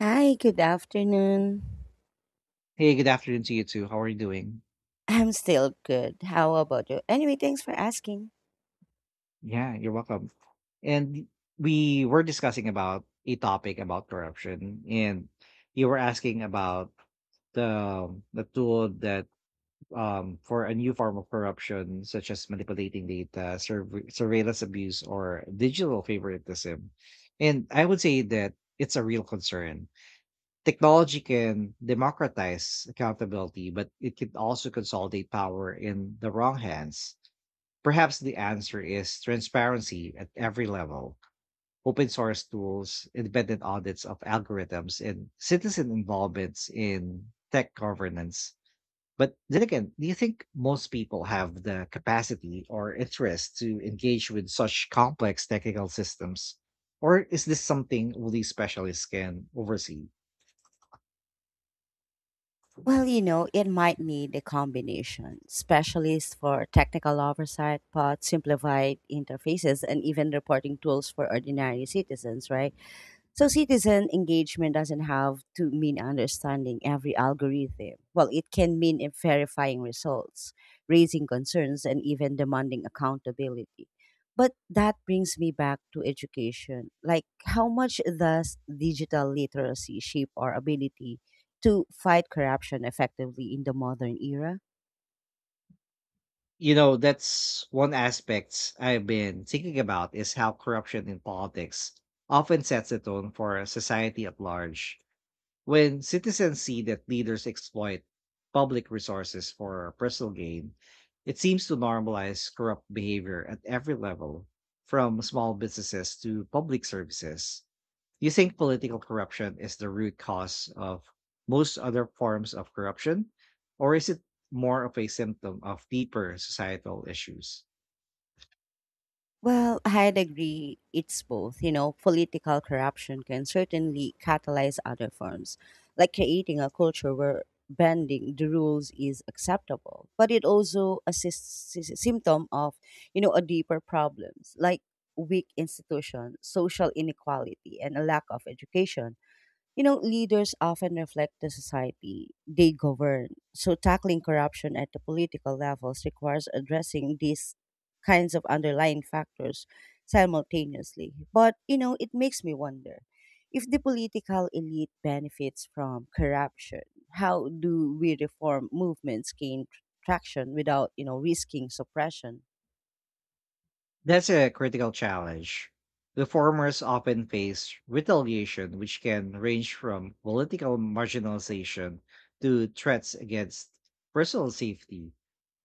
Hi, good afternoon. Hey, good afternoon to you too. How are you doing? I'm still good. How about you? Anyway, thanks for asking. Yeah, you're welcome. And we were discussing about a topic about corruption, and you were asking about the tool that for a new form of corruption, such as manipulating data, surveillance abuse, or digital favoritism. And I would say that it's a real concern. Technology can democratize accountability, but it can also consolidate power in the wrong hands. Perhaps the answer is transparency at every level, open source tools, independent audits of algorithms, and citizen involvements in tech governance. But then again, do you think most people have the capacity or interest to engage with such complex technical systems? Or is this something only specialists can oversee? Well, it might need a combination. Specialists for technical oversight, but simplified interfaces, and even reporting tools for ordinary citizens, right? So citizen engagement doesn't have to mean understanding every algorithm. Well, it can mean in verifying results, raising concerns, and even demanding accountability. But that brings me back to education. Like, how much does digital literacy shape our ability to fight corruption effectively in the modern era? You know, that's one aspect I've been thinking about is how corruption in politics often sets the tone for society at large. When citizens see that leaders exploit public resources for personal gain, it seems to normalize corrupt behavior at every level, from small businesses to public services. Do you think political corruption is the root cause of most other forms of corruption, or is it more of a symptom of deeper societal issues? Well, I'd agree it's both. Political corruption can certainly catalyze other forms, like creating a culture where bending the rules is acceptable. But it also assists is a symptom of, a deeper problems like weak institutions, social inequality, and a lack of education. Leaders often reflect the society they govern. So tackling corruption at the political levels requires addressing these kinds of underlying factors simultaneously. But, it makes me wonder if the political elite benefits from corruption, how do we reform movements gain traction without, risking suppression? That's a critical challenge. Reformers often face retaliation, which can range from political marginalization to threats against personal safety.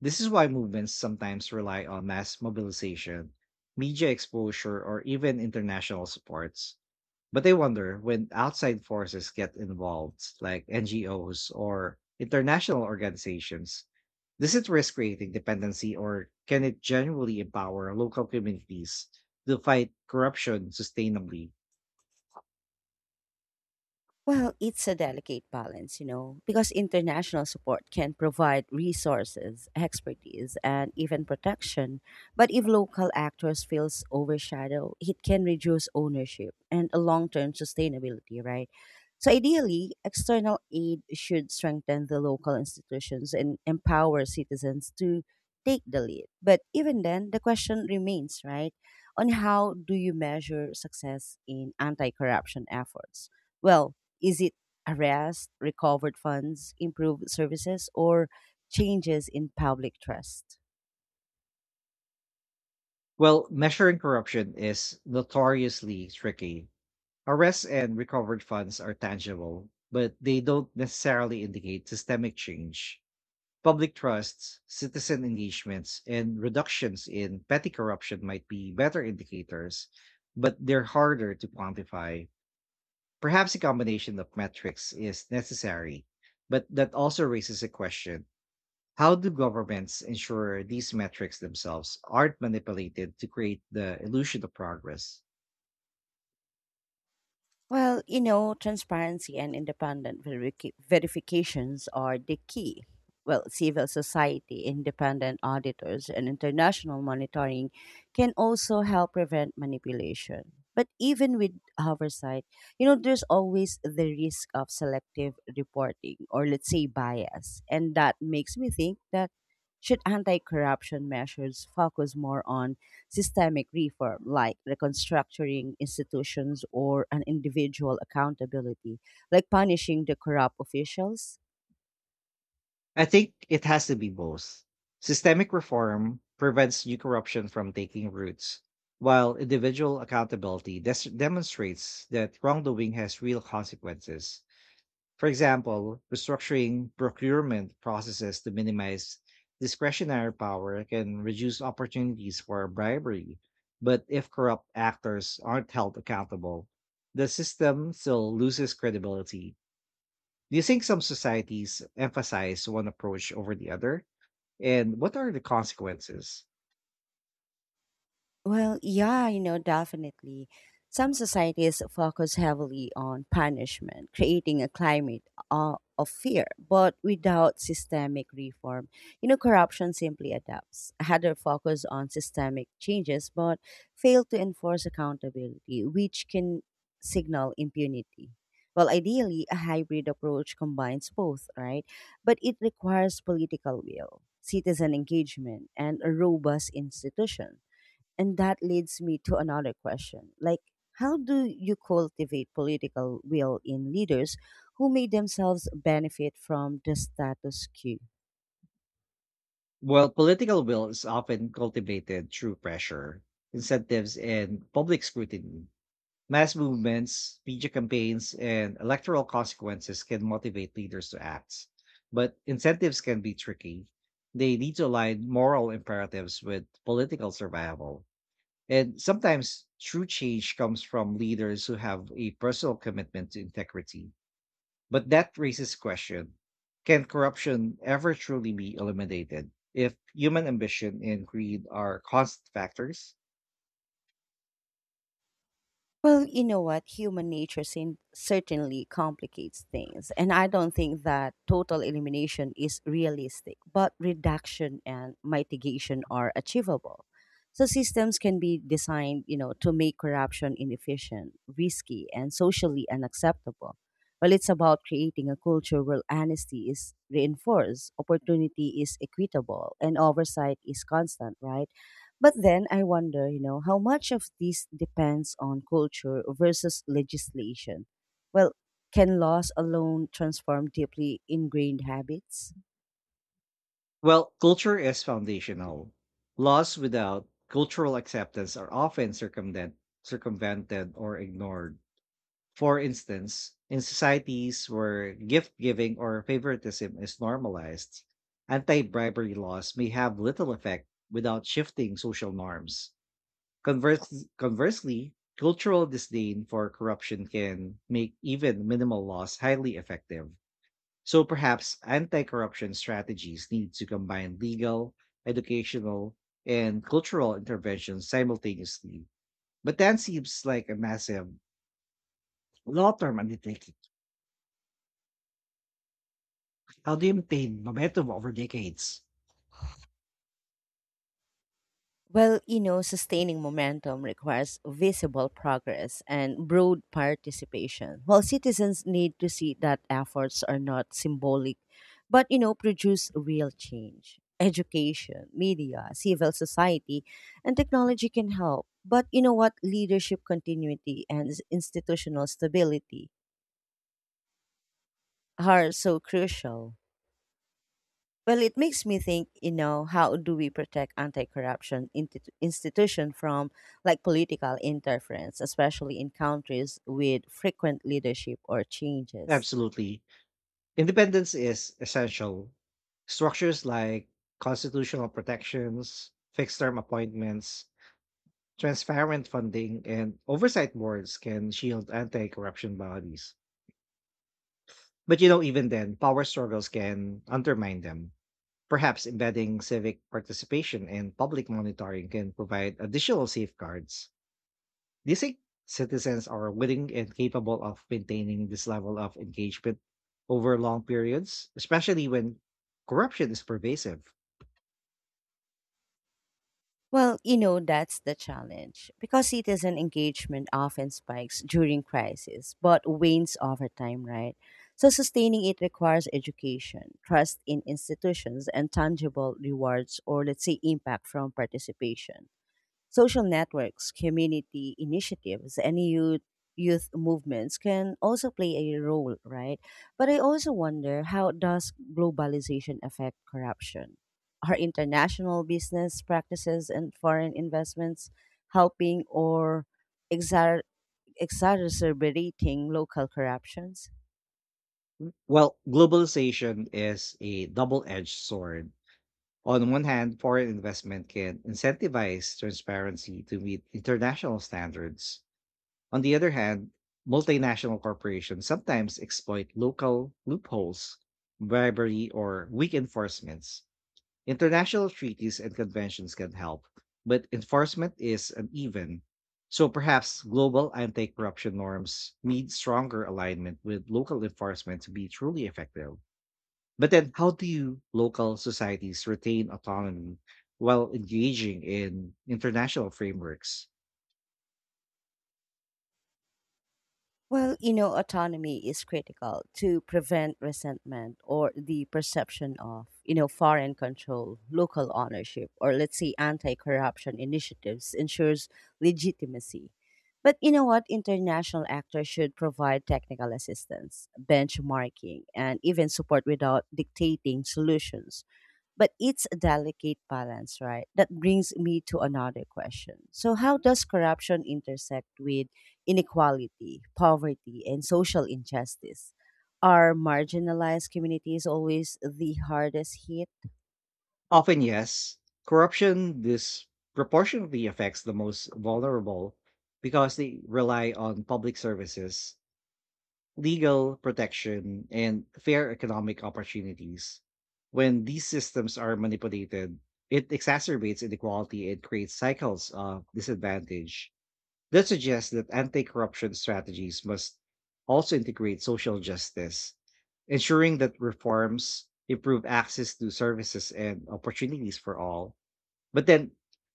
This is why movements sometimes rely on mass mobilization, media exposure, or even international supports. But I wonder when outside forces get involved, like NGOs or international organizations, does it risk creating dependency, or can it genuinely empower local communities to fight corruption sustainably? Well, it's a delicate balance, because international support can provide resources, expertise, and even protection. But if local actors feels overshadowed, it can reduce ownership and a long-term sustainability, right? So ideally, external aid should strengthen the local institutions and empower citizens to take the lead. But even then, the question remains, right, on how do you measure success in anti-corruption efforts? Well, is it arrest, recovered funds, improved services, or changes in public trust? Well, measuring corruption is notoriously tricky. Arrests and recovered funds are tangible, but they don't necessarily indicate systemic change. Public trusts, citizen engagements, and reductions in petty corruption might be better indicators, but they're harder to quantify. Perhaps a combination of metrics is necessary, but that also raises a question. How do governments ensure these metrics themselves aren't manipulated to create the illusion of progress? Well, transparency and independent verifications are the key. Well, civil society, independent auditors, and international monitoring can also help prevent manipulation. But even with oversight, there's always the risk of selective reporting or, let's say, bias. And that makes me think that should anti corruption measures focus more on systemic reform, like reconstructuring institutions or an individual accountability, like punishing the corrupt officials? I think it has to be both. Systemic reform prevents new corruption from taking roots, while individual accountability demonstrates that wrongdoing has real consequences. For example, restructuring procurement processes to minimize discretionary power can reduce opportunities for bribery. But if corrupt actors aren't held accountable, the system still loses credibility. Do you think some societies emphasize one approach over the other? And what are the consequences? Well, yeah, definitely. Some societies focus heavily on punishment, creating a climate of fear. But without systemic reform, corruption simply adapts. Other focus on systemic changes, but fail to enforce accountability, which can signal impunity. Well, ideally, a hybrid approach combines both, right? But it requires political will, citizen engagement, and a robust institution and that leads me to another question. Like, how do you cultivate political will in leaders who may themselves benefit from the status quo? Well, political will is often cultivated through pressure, incentives, and public scrutiny. Mass movements, media campaigns, and electoral consequences can motivate leaders to act. But incentives can be tricky. They need to align moral imperatives with political survival. And sometimes true change comes from leaders who have a personal commitment to integrity. But that raises question. Can corruption ever truly be eliminated if human ambition and greed are constant factors? Well, you know what? Human nature certainly complicates things. And I don't think that total elimination is realistic, but reduction and mitigation are achievable. So systems can be designed, to make corruption inefficient, risky, and socially unacceptable. Well, it's about creating a culture where honesty is reinforced, opportunity is equitable, and oversight is constant, right? But then I wonder, how much of this depends on culture versus legislation? Well, can laws alone transform deeply ingrained habits? Well, culture is foundational. Laws without cultural acceptance are often circumvented or ignored. For instance, in societies where gift giving or favoritism is normalized, anti bribery laws may have little effect without shifting social norms. Conversely, cultural disdain for corruption can make even minimal laws highly effective. So perhaps anti corruption strategies need to combine legal, educational, and cultural interventions simultaneously. But that seems like a massive long term undertaking. How do you maintain momentum over decades? Well, sustaining momentum requires visible progress and broad participation. While citizens need to see that efforts are not symbolic, but, produce real change. Education, media, civil society, and technology can help. But you know what? Leadership continuity and institutional stability are so crucial. Well, it makes me think, how do we protect anti-corruption institution from like political interference, especially in countries with frequent leadership or changes? Absolutely. Independence is essential. Structures like constitutional protections, fixed term appointments, transparent funding and oversight boards can shield anti-corruption bodies. But you know, even then, power struggles can undermine them. Perhaps embedding civic participation and public monitoring can provide additional safeguards. Do you think citizens are willing and capable of maintaining this level of engagement over long periods, especially when corruption is pervasive? Well, that's the challenge because citizen engagement often spikes during crisis but wanes over time, right? So sustaining it requires education, trust in institutions, and tangible rewards or let's say impact from participation. Social networks, community initiatives, and youth movements can also play a role, right? But I also wonder how does globalization affect corruption? Are international business practices and foreign investments helping or exar- exacerbating local corruptions? Well, globalization is a double edged sword. On one hand, foreign investment can incentivize transparency to meet international standards. On the other hand, multinational corporations sometimes exploit local loopholes, bribery, or weak enforcements. International treaties and conventions can help, but enforcement is uneven. So perhaps global anti corruption norms need stronger alignment with local enforcement to be truly effective. But then, how do you local societies retain autonomy while engaging in international frameworks? Well, autonomy is critical to prevent resentment or the perception of, foreign control, local ownership, or let's say anti corruption initiatives ensures legitimacy. But you know what? International actors should provide technical assistance, benchmarking, and even support without dictating solutions but it's a delicate balance, right? That brings me to another question. So, how does corruption intersect with inequality, poverty, and social injustice? Are marginalized communities always the hardest hit? Often, yes, corruption disproportionately affects the most vulnerable because they rely on public services, legal protection, and fair economic opportunities. When these systems are manipulated, it exacerbates inequality and creates cycles of disadvantage. That suggests that anti-corruption strategies must also integrate social justice, ensuring that reforms improve access to services and opportunities for all. But then,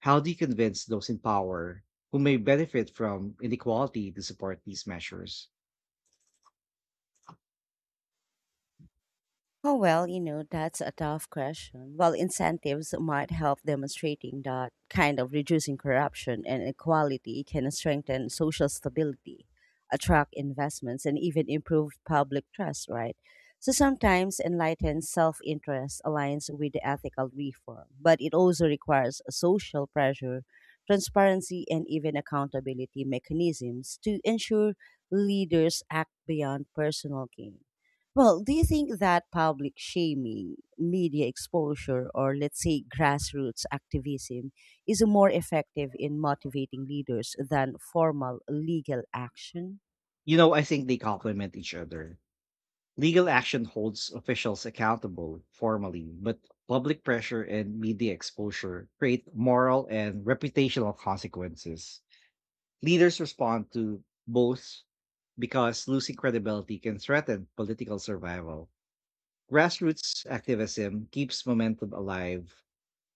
how do you convince those in power who may benefit from inequality to support these measures? Oh, well, that's a tough question. Well, incentives might help demonstrating that kind of reducing corruption and inequality can strengthen social stability, attract investments, and even improve public trust, right? So sometimes enlightened self interest aligns with the ethical reform, but it also requires a social pressure, transparency, and even accountability mechanisms to ensure leaders act beyond personal gain. Well, do you think that public shaming, media exposure, or let's say grassroots activism is more effective in motivating leaders than formal legal action? You know, I think they complement each other. Legal action holds officials accountable formally, but public pressure and media exposure create moral and reputational consequences. Leaders respond to both because losing credibility can threaten political survival. Grassroots activism keeps momentum alive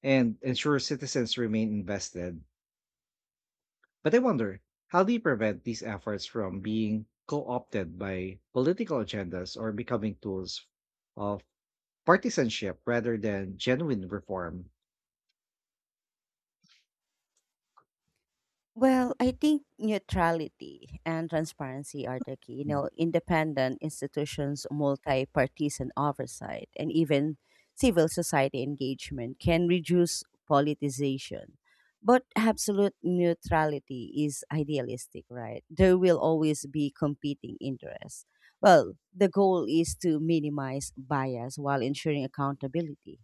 and ensures citizens remain invested. But I wonder, how do you prevent these efforts from being co opted by political agendas or becoming tools of partisanship rather than genuine reform? Well, I think neutrality and transparency are the key. Mm. Independent institutions, multi partisan oversight, and even civil society engagement can reduce politicization. But absolute neutrality is idealistic, right? There will always be competing interests. Well, the goal is to minimize bias while ensuring accountability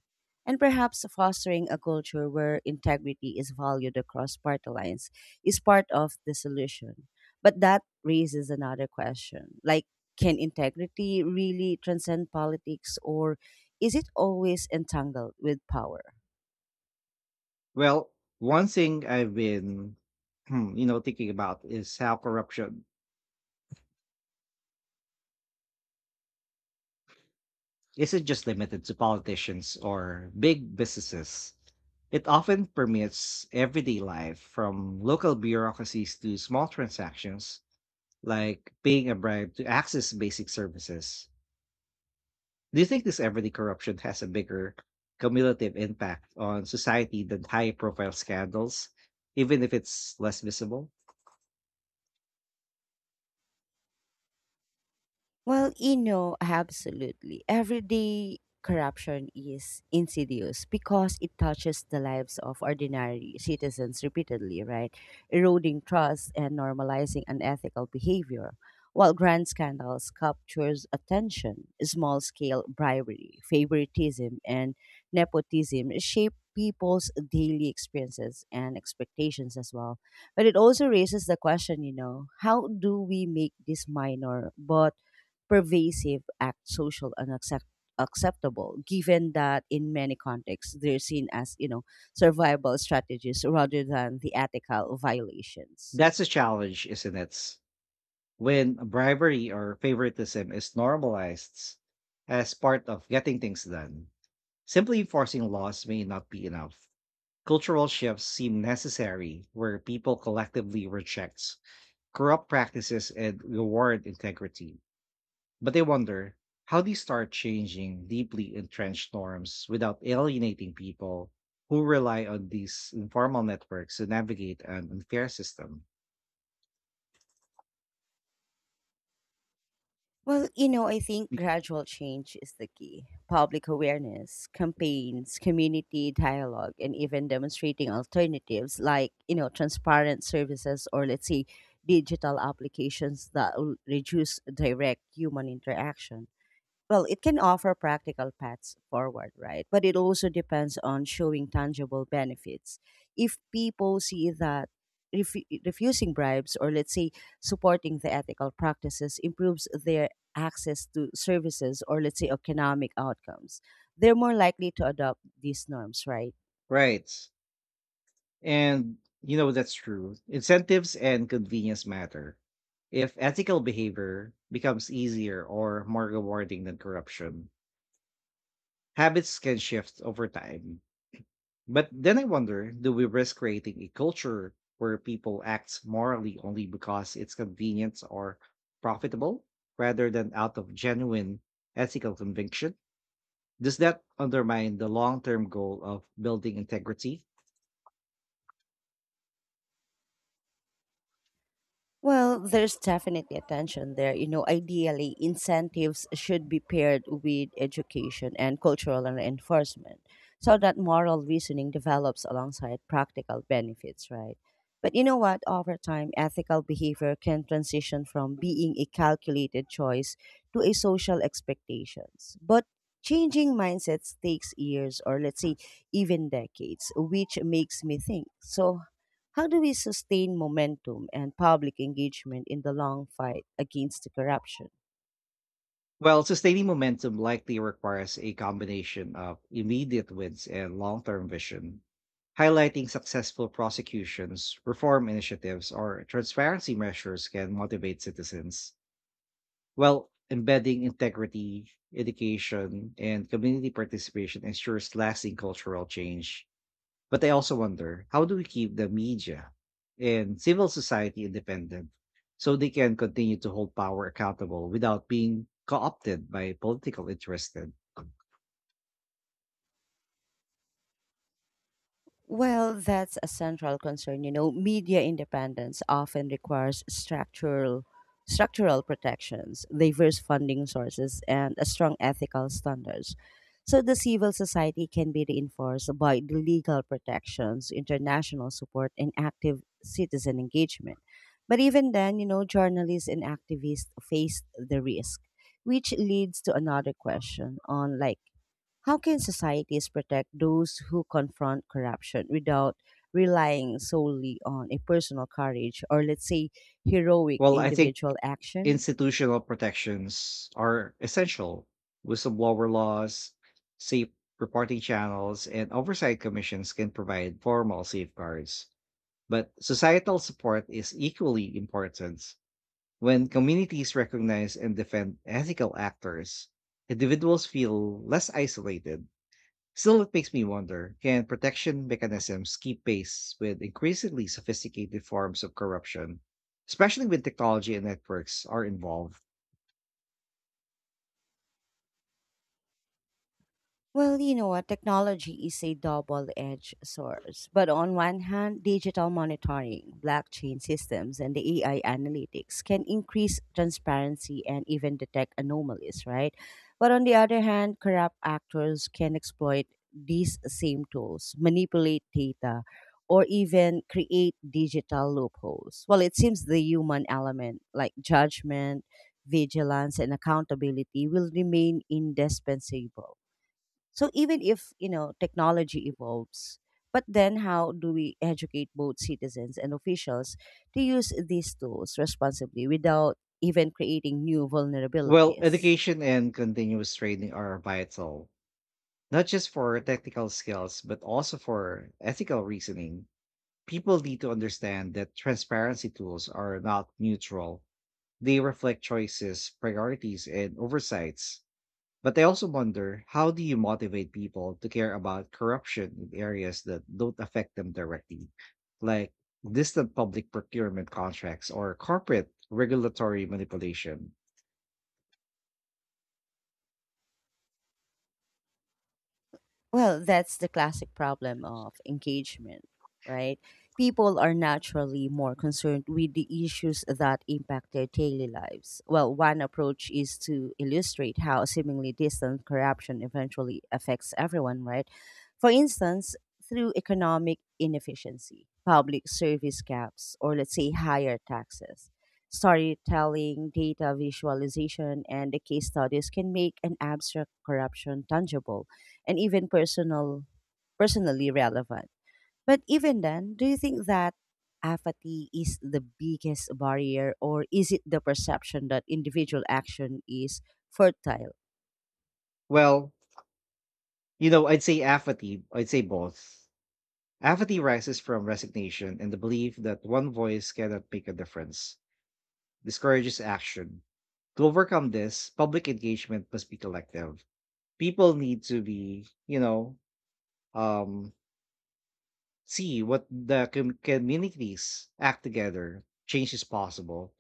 and perhaps fostering a culture where integrity is valued across party lines is part of the solution. But that raises another question like, can integrity really transcend politics, or is it always entangled with power? Well, one thing I've been, thinking about is how corruption isn't just limited to politicians or big businesses. It often permeates everyday life from local bureaucracies to small transactions like paying a bribe to access basic services. Do you think this everyday corruption has a bigger cumulative impact on society than high profile scandals, even if it's less visible? Well, absolutely. Everyday corruption is insidious because it touches the lives of ordinary citizens repeatedly, right? Eroding trust and normalizing unethical behavior. While grand scandals captures attention, small-scale bribery, favoritism, and nepotism shape people's daily experiences and expectations as well. But it also raises the question, how do we make these minor but pervasive act social acceptable given that in many contexts they're seen as survival strategies rather than the ethical violations That's a challenge, isn't it? When bribery or favoritism is normalized as part of getting things done. Simply forcing laws may not be enough. Cultural shifts seem necessary where people collectively reject corrupt practices and reward integrity. But I wonder how do you start changing deeply entrenched norms without alienating people who rely on these informal networks to navigate an unfair system? well I think gradual change is the key public awareness campaigns community dialogue and even demonstrating alternatives like transparent services or let's say digital applications that will reduce direct human interaction well, it can offer practical paths forward, right? But it also depends on showing tangible benefits. If people see that refusing bribes or, let's say, supporting the ethical practices improves their access to services or, let's say, economic outcomes, they're more likely to adopt these norms, right? Right. And you know that's true. Incentives and convenience matter. If ethical behavior becomes easier or more rewarding than corruption, habits can shift over time. But then I wonder do we risk creating a culture where people act morally only because it's convenient or profitable rather than out of genuine ethical conviction? Does that undermine the long term goal of building integrity? Well, there's definitely a tension there. Ideally, incentives should be paired with education and cultural enforcement so that moral reasoning develops alongside practical benefits, right? But you know what? Over time, ethical behavior can transition from being a calculated choice to a social expectations. But changing mindsets takes years or let's say even decades, which makes me think. So how do we sustain momentum and public engagement in the long fight against the corruption? Well, sustaining momentum likely requires a combination of immediate wins and long term vision. Highlighting successful prosecutions, reform initiatives, or transparency measures can motivate citizens, while embedding integrity, education, and community participation ensures lasting cultural change. But I also wonder how do we keep the media and civil society independent so they can continue to hold power accountable without being co opted by political interests. Well, that's a central concern. Media independence often requires structural protections, diverse funding sources, and a strong ethical standards. So the civil society can be reinforced by the legal protections, international support, and active citizen engagement. But even then, journalists and activists face the risk, which leads to another question on like how can societies protect those who confront corruption without relying solely on a personal courage or, let's say, heroic Well, I think individual action? institutional protections are essential. Whistleblower laws, safe reporting channels, and oversight commissions can provide formal safeguards. But societal support is equally important. When communities recognize and defend ethical actors, individuals feel less isolated. Still, it makes me wonder can protection mechanisms keep pace with increasingly sophisticated forms of corruption, especially when technology and networks are involved? Well, you know what? Technology is a double edged source. But on one hand, digital monitoring, blockchain systems, and the AI analytics can increase transparency and even detect anomalies, right? But on the other hand, corrupt actors can exploit these same tools, manipulate data, or even create digital loopholes. Well, it seems the human element, like judgment, vigilance, and accountability, will remain indispensable. So even if, technology evolves, but then how do we educate both citizens and officials to use these tools responsibly without even creating new Well, vulnerabilities? education and continuous training are vital, not just for technical skills, but also for ethical reasoning. People need to understand that transparency tools are not neutral. They reflect choices, priorities, and oversights. But I also wonder how do you motivate people to care about corruption in areas that don't affect them directly, like distant public procurement contracts or corporate regulatory manipulation? Well, that's the classic problem of engagement, right? People are naturally more concerned with the issues that impact their daily lives. Well, one approach is to illustrate how seemingly distant corruption eventually affects everyone, right? For instance, through economic inefficiency, public service gaps, or let's say higher taxes. Storytelling, data visualization, and the case studies can make an abstract corruption tangible and even personally relevant. But even then, do you think that apathy is the biggest barrier or is it the perception that individual action is fertile? Well, you know, I'd say both. Apathy rises from resignation and the belief that one voice cannot make a difference, discourages action. To overcome this, public engagement must be collective. People need to be, um, see what the communities act together. Change is possible.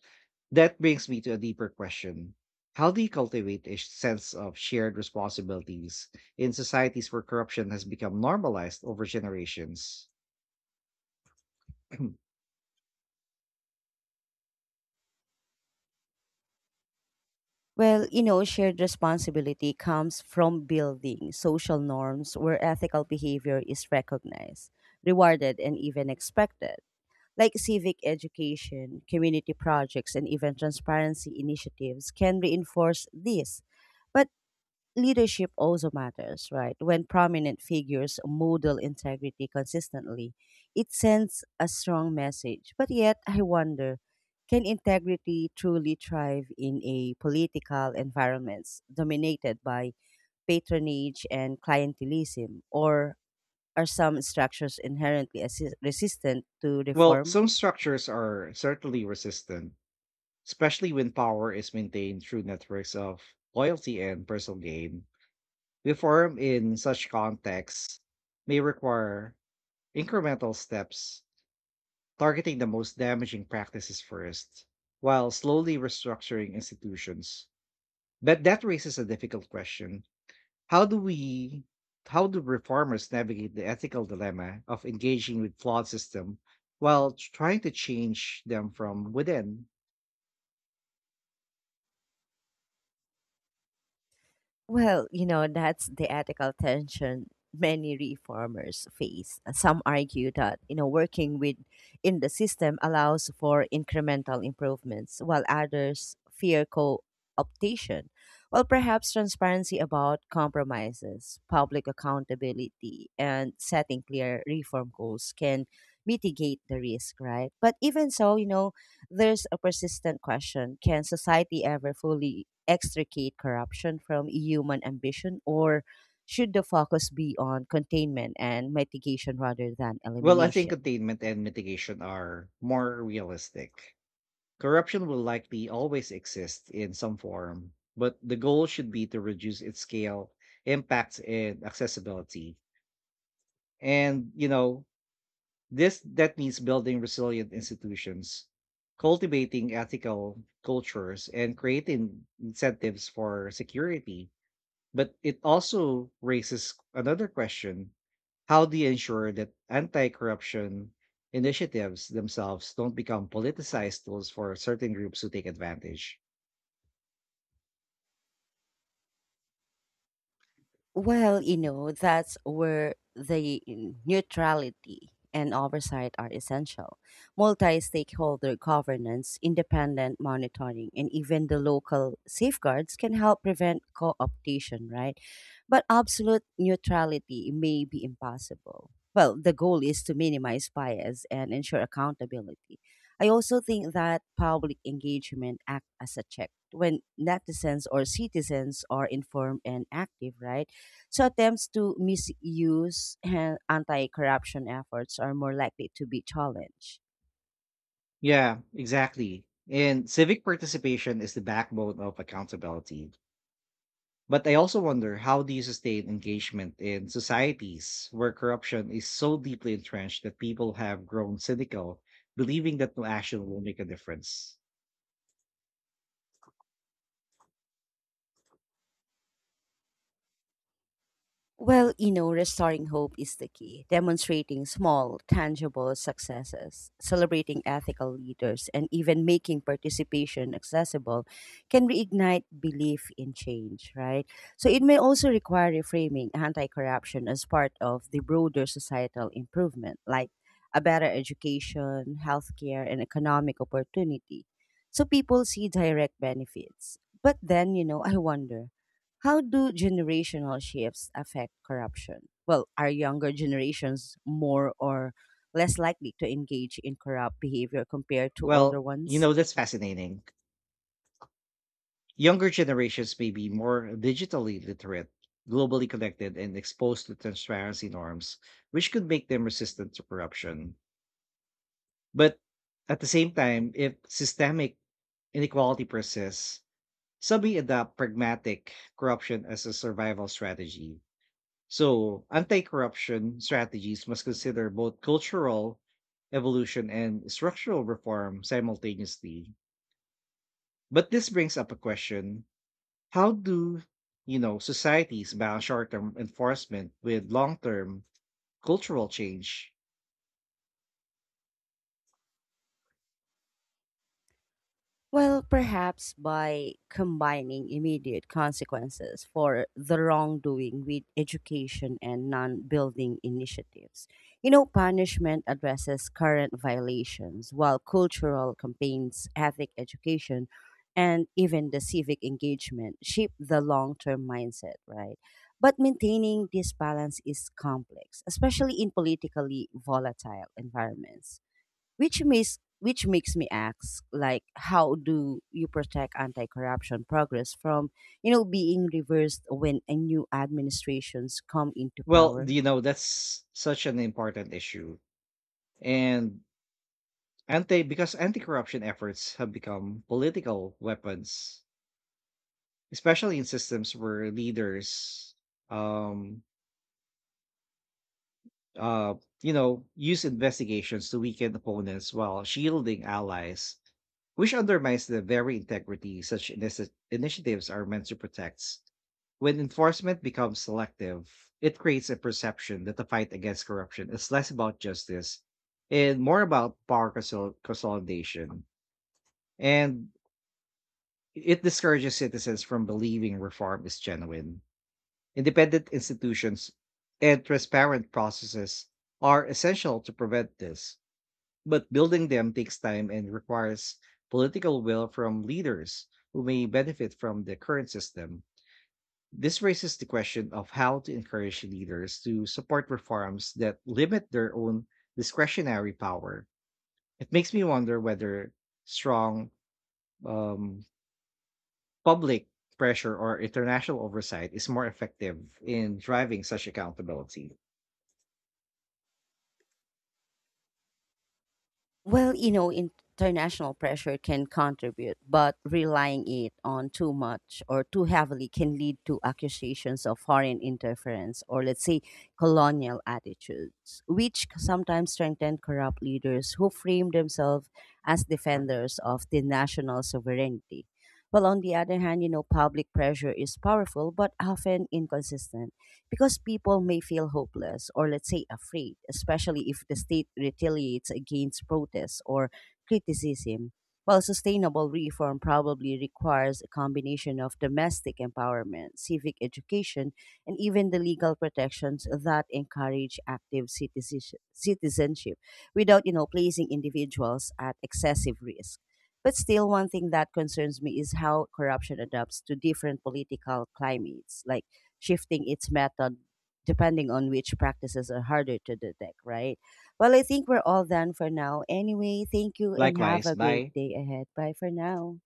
That brings me to a deeper question. How do you cultivate a sense of shared responsibilities in societies where corruption has become normalized over generations? Well, shared responsibility comes from building social norms where ethical behavior is recognized, rewarded, and even expected. Like civic education, community projects, and even transparency initiatives can reinforce this. But leadership also matters, right? When prominent figures model integrity consistently, it sends a strong message. But yet, I wonder can integrity truly thrive in a political environment dominated by patronage and clientelism? Or are some structures inherently resistant to Well, reform? some structures are certainly resistant, especially when power is maintained through networks of loyalty and personal gain. Reform in such contexts may require incremental steps, targeting the most damaging practices first, while slowly restructuring institutions. But that raises a difficult question. How do we how do reformers navigate the ethical dilemma of engaging with flawed system while trying to change them from within? Well, that's the ethical tension many reformers face. Some argue that, working with in the system allows for incremental improvements, while others fear co-optation. Well, perhaps transparency about compromises, public accountability, and setting clear reform goals can mitigate the risk, right? But even so, there's a persistent question, can society ever fully extricate corruption from human ambition, or should the focus be on containment and mitigation rather than Well, I think elimination? containment and mitigation are more realistic. Corruption will likely always exist in some form, but the goal should be to reduce its scale, impact, and accessibility. And, you know, this that means building resilient institutions, cultivating ethical cultures, and creating incentives for security. But it also raises another question. How do you ensure that anti-corruption initiatives themselves don't become politicized tools for certain groups who take advantage? Well, that's where the neutrality and oversight are essential. Multi stakeholder governance, independent monitoring, and even the local safeguards can help prevent co optation, right? But absolute neutrality may be impossible. Well, the goal is to minimize bias and ensure accountability. I also think that public engagement act as a check when netizens or citizens are informed and active, right? So attempts to misuse anti-corruption efforts are more likely to be challenged. Yeah, exactly. And civic participation is the backbone of accountability. But I also wonder how do you sustain engagement in societies where corruption is so deeply entrenched that people have grown cynical, believing that no action will make a difference? Well, restoring hope is the key, demonstrating small, tangible successes, celebrating ethical leaders, and even making participation accessible can reignite belief in change, right? So it may also require reframing anti corruption as part of the broader societal improvement, like a better education, healthcare, and economic opportunity. So people see direct benefits. But then, I wonder how do generational shifts affect corruption? Well, are younger generations more or less likely to engage in corrupt behavior compared to older Well, you ones? know, that's fascinating. Younger generations may be more digitally literate, globally connected, and exposed to transparency norms, which could make them resistant to corruption. But at the same time, if systemic inequality persists, some may adopt pragmatic corruption as a survival strategy. So, anti corruption strategies must consider both cultural evolution and structural reform simultaneously. But this brings up a question: how do you know societies balance short-term enforcement with long-term cultural change? Well, perhaps by combining immediate consequences for the wrongdoing with education and non building initiatives. Punishment addresses current violations, while cultural campaigns, ethic education, and even the civic engagement shape the long term mindset, right? But maintaining this balance is complex, especially in politically volatile environments which makes me ask like how do you protect anti-corruption progress from being reversed when a new administrations come into Well, power. you know, that's such an important issue. And Anti because anti-corruption efforts have become political weapons, especially in systems where leaders, um, uh, you know, use investigations to weaken opponents while shielding allies, which undermines the very integrity such initiatives are meant to protect. When enforcement becomes selective, it creates a perception that the fight against corruption is less about justice and more about power consolidation. And it discourages citizens from believing reform is genuine. Independent institutions and transparent processes are essential to prevent this, but building them takes time and requires political will from leaders who may benefit from the current system. This raises the question of how to encourage leaders to support reforms that limit their own discretionary power. It makes me wonder whether strong um, public pressure or international oversight is more effective in driving such accountability. Well, international pressure can contribute, but relying it on too much or too heavily can lead to accusations of foreign interference or, let's say, colonial attitudes, which sometimes strengthen corrupt leaders who frame themselves as defenders of the national sovereignty. Well, on the other hand, public pressure is powerful but often inconsistent because people may feel hopeless or, let's say, afraid, especially if the state retaliates against protests or criticism. While sustainable reform probably requires a combination of domestic empowerment, civic education, and even the legal protections that encourage active citizenship without, placing individuals at excessive risk. But still, one thing that concerns me is how corruption adapts to different political climates. Like shifting its method depending on which practices are harder to detect, right? Well, I think we're all done for now. Anyway, thank you and Likewise, have a great by. day ahead. Bye for now.